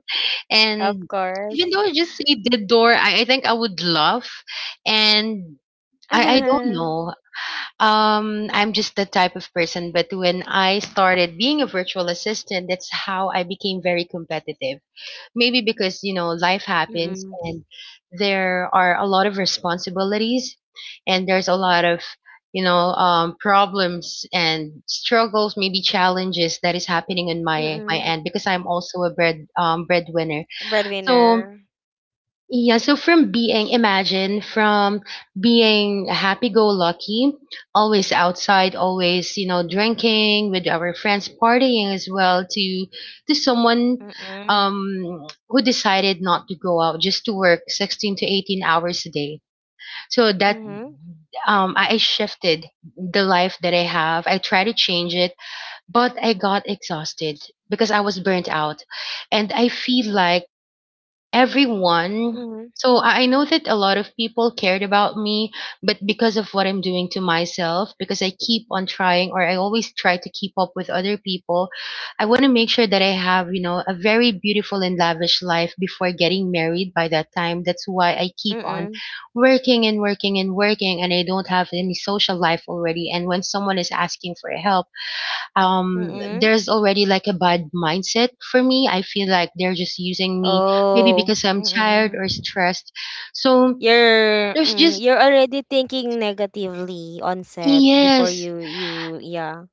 and Of even though course. I just say the door, I think I would laugh, and I don't Mm-mm. know. I'm just the type of person, but when I started being a virtual assistant, that's how I became very competitive. Maybe because, you know, life happens Mm-mm. and there are a lot of responsibilities and there's a lot of, you know, problems and struggles, maybe challenges that is happening on my my Mm-mm. end because I'm also a breadwinner. So Breadwinner. yeah, so from being, imagine, from being happy go lucky, always outside, always, you know, drinking with our friends, partying as well, to someone Mm-mm. Who decided not to go out, just to work 16 to 18 hours a day. So that Mm-hmm. I shifted the life that I have. I tried to change it, but I got exhausted because I was burnt out. And I feel like everyone. Mm-hmm. So I know that a lot of people cared about me, but because of what I'm doing to myself, because I keep on trying or I always try to keep up with other people, I want to make sure that I have, you know, a very beautiful and lavish life before getting married by that time. That's why I keep on Mm-mm. working and working and working, and I don't have any social life already. And when someone is asking for help, um Mm-mm. there's already like a bad mindset for me. I feel like they're just using me, maybe Oh, because I'm tired mm-mm. or stressed. So You're there's just you're already thinking negatively on set before yes. you yeah.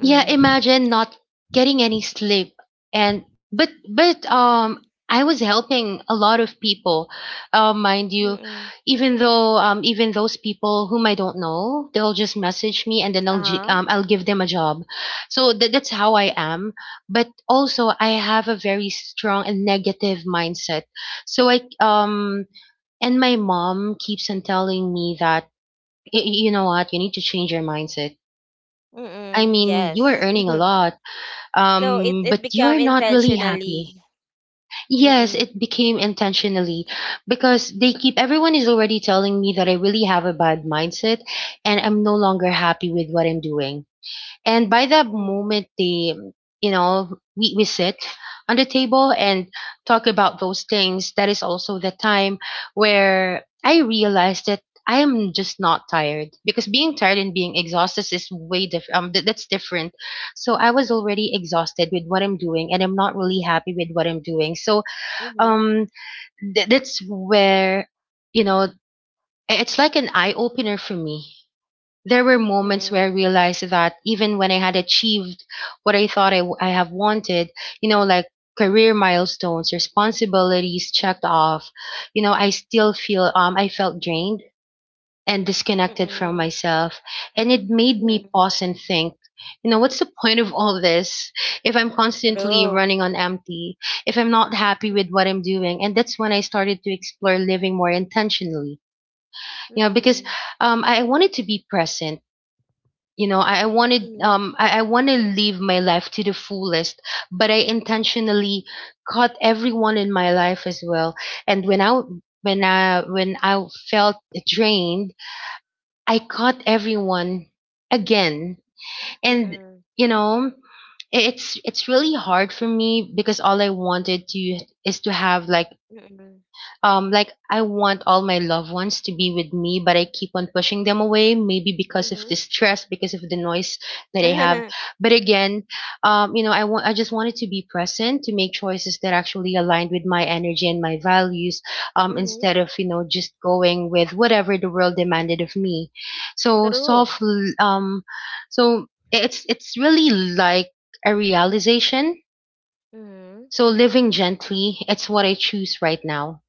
Yeah, imagine not getting any sleep. And but I was helping a lot of people, mind you, Mm. even though even those people whom I don't know, they'll just message me and then Uh-huh. I'll give them a job. So that's how I am. But also I have a very strong and negative mindset. So I and my mom keeps on telling me that, You know what, you need to change your mindset. I Mm. mean, you are Yes. earning a lot So it it but you are become not really happy." intentionally. Yes, Mm. it became intentionally because they keep everyone is already telling me that I really have a bad mindset and I'm no longer happy with what I'm doing. And by the Mm. moment they, you know, we sit on the table and talk about those things, that is also the time where I realized that I am just not tired, because being tired and being exhausted is way different. That's different. So I was already exhausted with what I'm doing, and I'm not really happy with what I'm doing. So Mhm. um, that's where, you know, it's like an eye opener for me. There were moments Mm. where I realized that even when I had achieved what I thought I have wanted, you know, like career Mm. milestones, responsibilities checked off, you know, I still feel, I felt drained and disconnected from Mm. myself. And it made Mm. me pause and think, you know, what's the point of all this if I'm constantly True. running on empty, if I'm not happy with what Mm. I'm doing? And that's when I started to explore living more intentionally, you know, because I wanted to be present. You know I wanted Mm. I want to live my life to the fullest. But I intentionally cut everyone in my life as well, and when I felt drained, I cut everyone again. And Mhm. you know, it's really hard for me because all I wanted to is to have like, Mm. Like, I want all my loved ones to be with me, but I keep on pushing them away, maybe Mm. because of the Mhm. stress, because of the noise that I have. But again, you know, I just wanted to be present, to make choices that actually aligned with my energy and my values, Mhm. instead of, you know, just going with whatever the world demanded of me. So True. So it's really like a realization. Mm. So living gently, it's what I choose right now.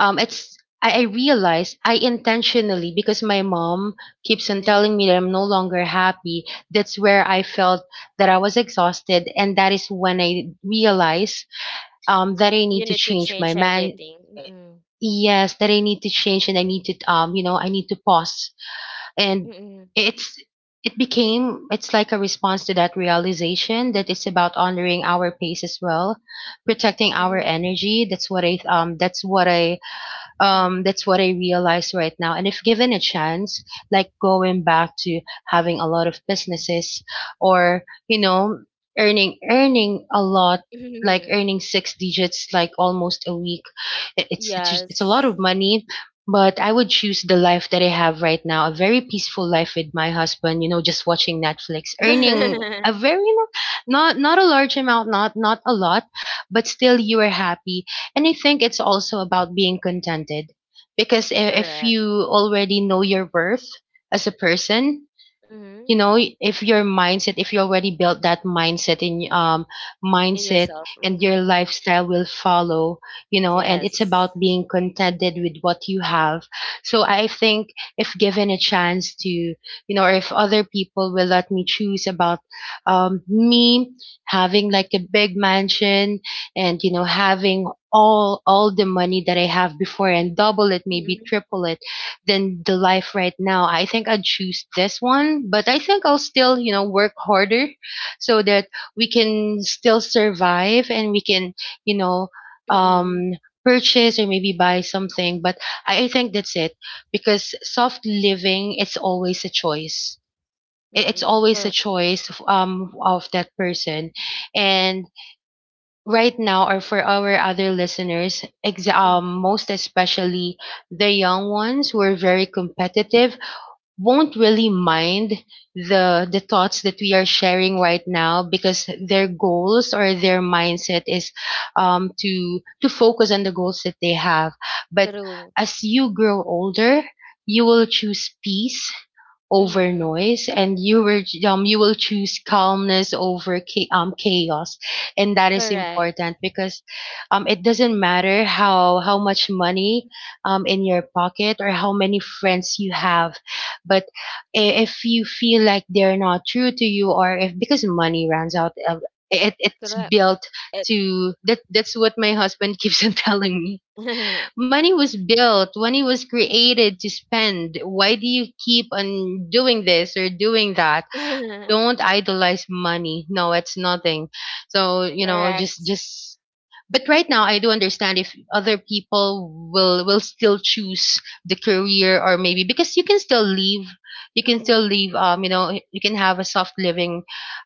I realize I intentionally, because my mom keeps on Mm. telling me that I'm no longer happy. That's where I felt that I was exhausted, and that is when I realized, that I You need to need to change my change mind. everything. Mm. Yes, that I need to change, and I need to, you know, I need to pause. And Mm. it's it's like a response to that realization, that it's about honoring our pace as well, protecting our Mhm. energy. That's what I that's what I realize right now. And if given a chance, like going back to having a lot of businesses or, you know, earning a lot, like Mhm. earning six digits like almost a week, it's just, it's a lot Yes. of money. But I would choose the life that I have right now, a very peaceful life with my husband, you know, just watching Netflix, earning a very not a large amount, not a lot, but still you are happy. And I think it's also about being contented, because if Correct. you already know your worth as a person, Mm. you know, if your mindset, if you already built that mindset in, In mindset yourself. and Mm-hmm. your lifestyle will follow, you know. And it's about Yes. being contented with what you have. So I think, if given a chance to, you know, or if other people will let me choose about, me having like a big mansion and, you know, having all the money that I have before and double it, maybe Mm-hmm. triple it, than the life right now, I think I'd choose this one. But I think I'll still, you know, work harder so that we can still survive and we can, you know, Mm-hmm. um, purchase or maybe buy something. But I think that's it, because soft living, it's always a choice. It's Mm-hmm. always a Correct. choice of that person. And right now, or for our other listeners, Mm-hmm. most especially the young ones who are very competitive, won't really mind the thoughts that we are sharing right now, because their goals or their mindset is, to focus on the goals that they have. But True. as you grow older, you will choose peace over Mm-hmm. noise, and you were you will choose calmness over chaos. And that is Correct. important, because it doesn't matter how much money in your pocket, or how many friends you have, but if you feel like they're not true to you, or if, because money runs out of it's Correct. built It. to that. That's what my husband keeps on telling me. Money was built, money was created to spend. Why do you keep on doing this or doing that? Don't idolize money. No, it's nothing. So, you know, Correct. just. But right now I do understand if other people will still choose the career. Or maybe because you can still leave, you can still Mm-hmm. leave, you know, you can have a soft living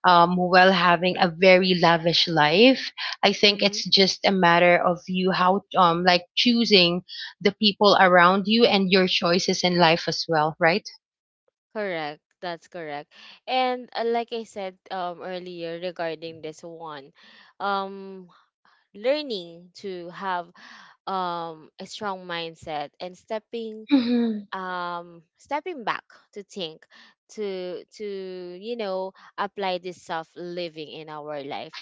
while having a very lavish life. I think Mm-hmm. it's just a matter of you how, like choosing the people around you and your choices in life as well, right? Correct. That's correct. And like I said earlier regarding this one, um learning to have a strong mindset and stepping, Mhm. Stepping back to think, to you know, apply this self living in our life,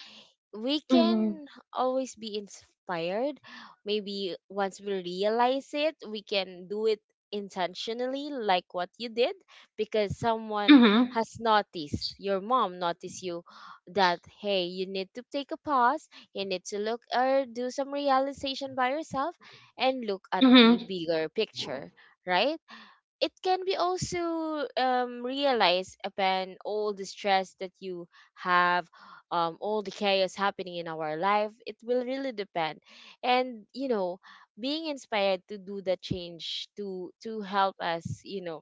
we Mhm. can always be inspired. Maybe once we realize it, we can do it intentionally, like what you did, because someone Mhm. has noticed, your mom noticed you that hey, you need to take a pause, you need to look or do some realization by yourself and look at the Mhm. bigger picture, right? It can be also, realized upon all the stress that you have, all the chaos happening in our life. It will really depend, and you know, being inspired to do that change, to help us, you know,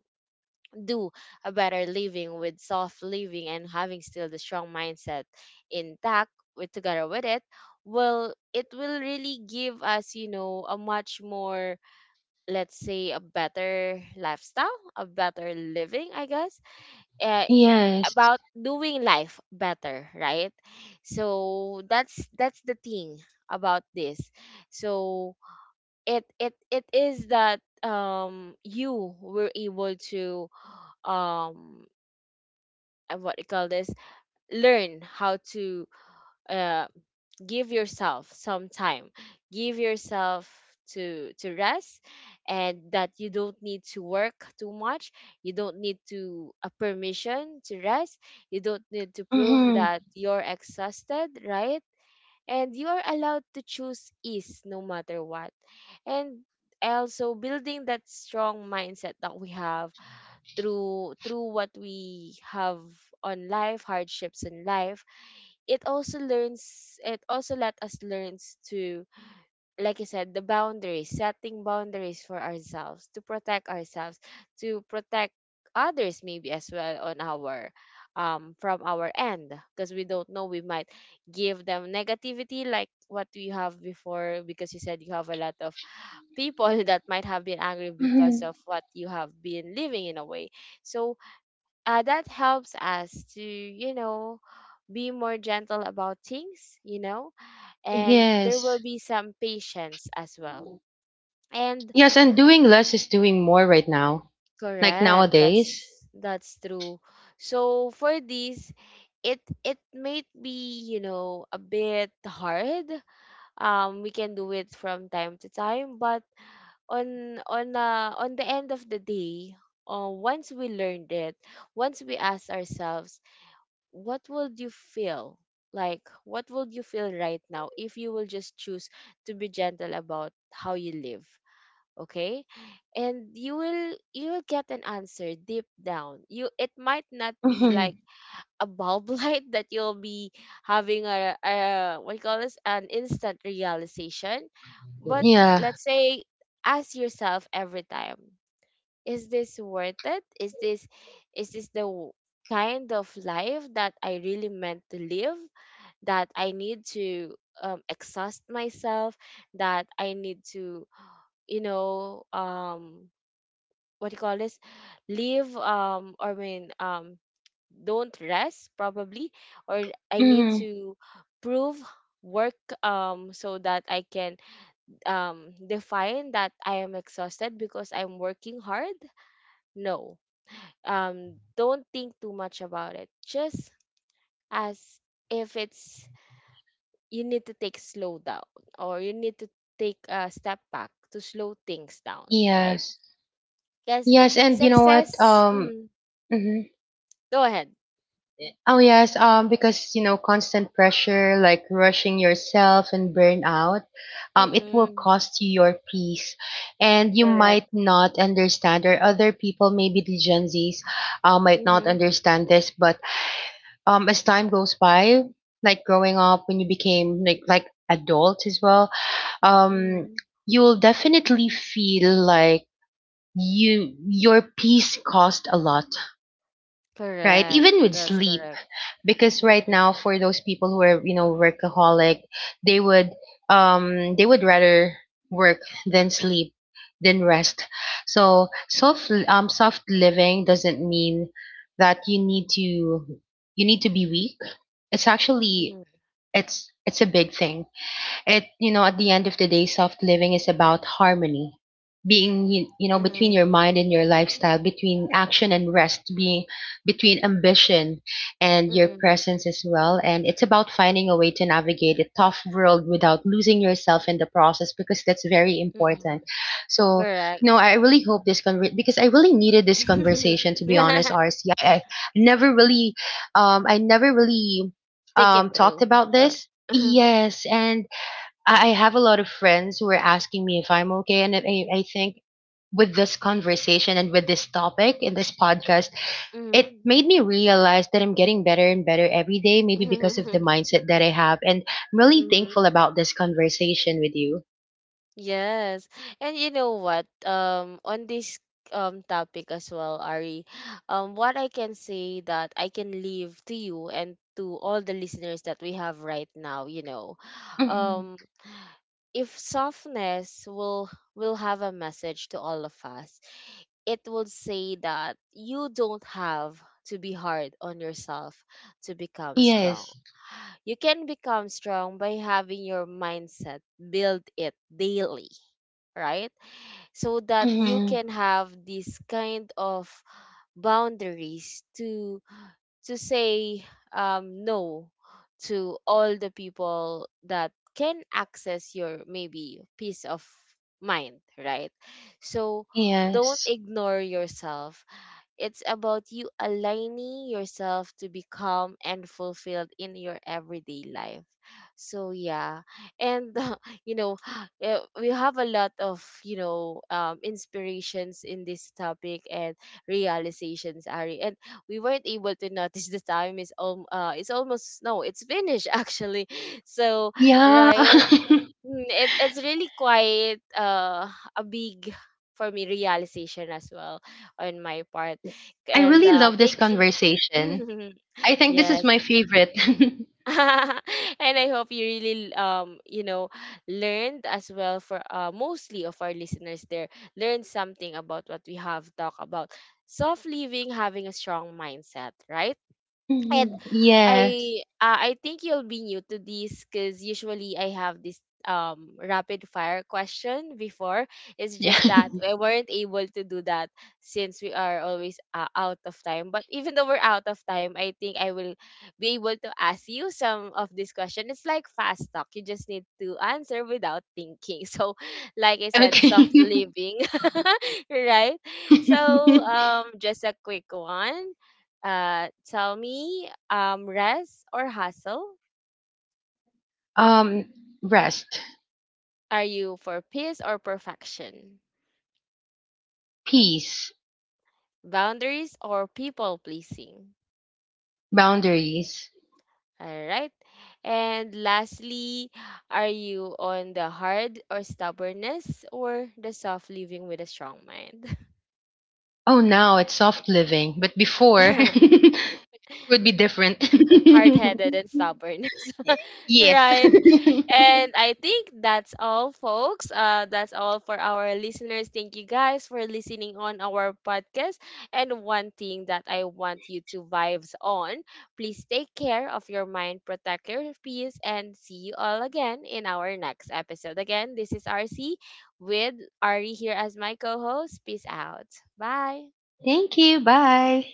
do a better living with soft living and having still the strong mindset intact with, together with it, well, it will really give us, you know, a much more, let's say, a better lifestyle, a better living, I guess. uh, Yes. about doing life better, right? So that's the thing about this. So it it is that you were able to um what you call this, learn how to, uh give yourself some time, give yourself to rest, and that you don't need to work too much, you don't need to a permission to rest, you don't need to prove Mm-hmm. that you're exhausted, right? And you are allowed to choose ease no matter what. And also building that strong mindset that we have through, through what we have, on life, hardships in life, it also learns, it also let us learns to, like I said, the boundaries, setting boundaries for ourselves to protect ourselves, to protect others maybe as well, on our, from our end, because we don't know, we might give them negativity like what we have before, because you said you have a lot of people that might have been angry because Mm-hmm. of what you have been living, in a way. So that helps us to, you know, be more gentle about things, you know, and there will Yes. be some patience as well. And Yes, and doing less is doing more right now. Like correct, nowadays. That's true. So for this, it might be, you know, a bit hard. We can do it from time to time, but on on the end of the day, once we learned it, once we ask ourselves, what would you feel, like what would you feel right now if you will just choose to be gentle about how you live? Okay. And you will, you will get an answer deep down. You, it might not be Mm-hmm. like a bulb light that you'll be having a what you call this, an instant realization. But Yeah. let's say, ask yourself every time, is this worth it? Is this, is this the w- kind of life that I really meant to live, that I need to, exhaust myself, that I need to, you know, what do you call this, leave, or I mean, don't rest, probably, or I need Mm-hmm. to prove, work, so that I can, define that I am exhausted because I'm working hard. No, don't think too much about it. Just, as, if it's, you need to take slow down, or you need to take a step back to slow things down, right? Yes. Because Yes, and you know what? success, Mhm. go ahead. Oh yes. Because, you know, constant pressure, like rushing yourself and burnout, it will Mm-mm, cost you your peace, and you might correct. not understand, or other people, maybe the Gen Zs, might not Mm-hmm, understand this, but as time goes by, like growing up, when you became like adult as well, um mm-hmm. you'll definitely feel like your peace cost a lot. Right, Correct. even with That's sleep, correct. because right Mm-mm, now, for those people who are, you know, workaholic, they would they would rather work than sleep, than rest. So soft living doesn't mean that you need to be weak. It's actually, mm-mm, it's a big thing. It, you know, at the end of the day, soft living is about harmony, being, you know, between mm-mm, your mind and your lifestyle, between action and rest, being between ambition and your mm-mm, presence as well. And it's about finding a way to navigate a tough world without losing yourself in the process, because that's very mm-mm. important. So, you know, Correct. I really hope this because I really needed this conversation to be honest, RC. I never really I never really Think it talked through. about Or, this. Yes, and I have a lot of friends who are asking me if I'm okay, and I think with this conversation and with this topic in this podcast, it mm-hmm. made me realize that I'm getting better and better every day, maybe because of the mindset that I have. And I'm really thankful about this conversation with you. Yes. And you know what? On this topic as well, Ari, what I can say that I can leave to you and to all the listeners that we have right now, you know, Hmm. um, if softness will have a message to all of us, it will say that you don't have to be hard on yourself to become strong. Yes. You can become strong by having your mindset, build it daily, right? So that you Hmm. can have this kind of boundaries to say, no to all the people that can access your maybe peace of mind, right? So don't Yes. ignore yourself. It's about you aligning yourself to become and fulfilled in your everyday life. So yeah, and you know, eh, we have a lot of, you know, inspirations in this topic and realizations, Ari. And we weren't able to notice the time is it's almost, no, it's finished actually. So Yeah. right. Mm, it, it's really quite, a big, for me, realization as well on my part. I And really love this thank you. conversation. I think this is Yes. my favorite. And I hope you really, you know, learned as well, for mostly of our listeners there, learned something about what we have talked about, soft living, having a strong mindset, right? And Mhm. Yes. I think you'll be new to this, because usually I have this rapid fire question before. It's Yeah. just that we weren't able to do that since we are always out of time. But even though we're out of time, I think I will be able to ask you some of this question. It's like fast talk. You just need to answer without thinking. So, like I said, Okay. soft living, right? So, just a quick one. Tell me, rest or hustle? Um, rest, Are you for peace or perfection? peace, Boundaries or people pleasing? boundaries. All right. And lastly, are you on the hard or stubbornness or the soft living with a strong mind? Oh, now it's soft living, but before it would be different. Hard-headed and stubbornness. Yes. Right. And I think that's all, folks. That's all for our listeners. Thank you guys for listening on our podcast. And one thing that I want you to vibes on, please take care of your mind, protect your peace, and see you all again in our next episode. Again, this is RC with Ari here as my co-host. Peace out. Bye. Thank you. Bye.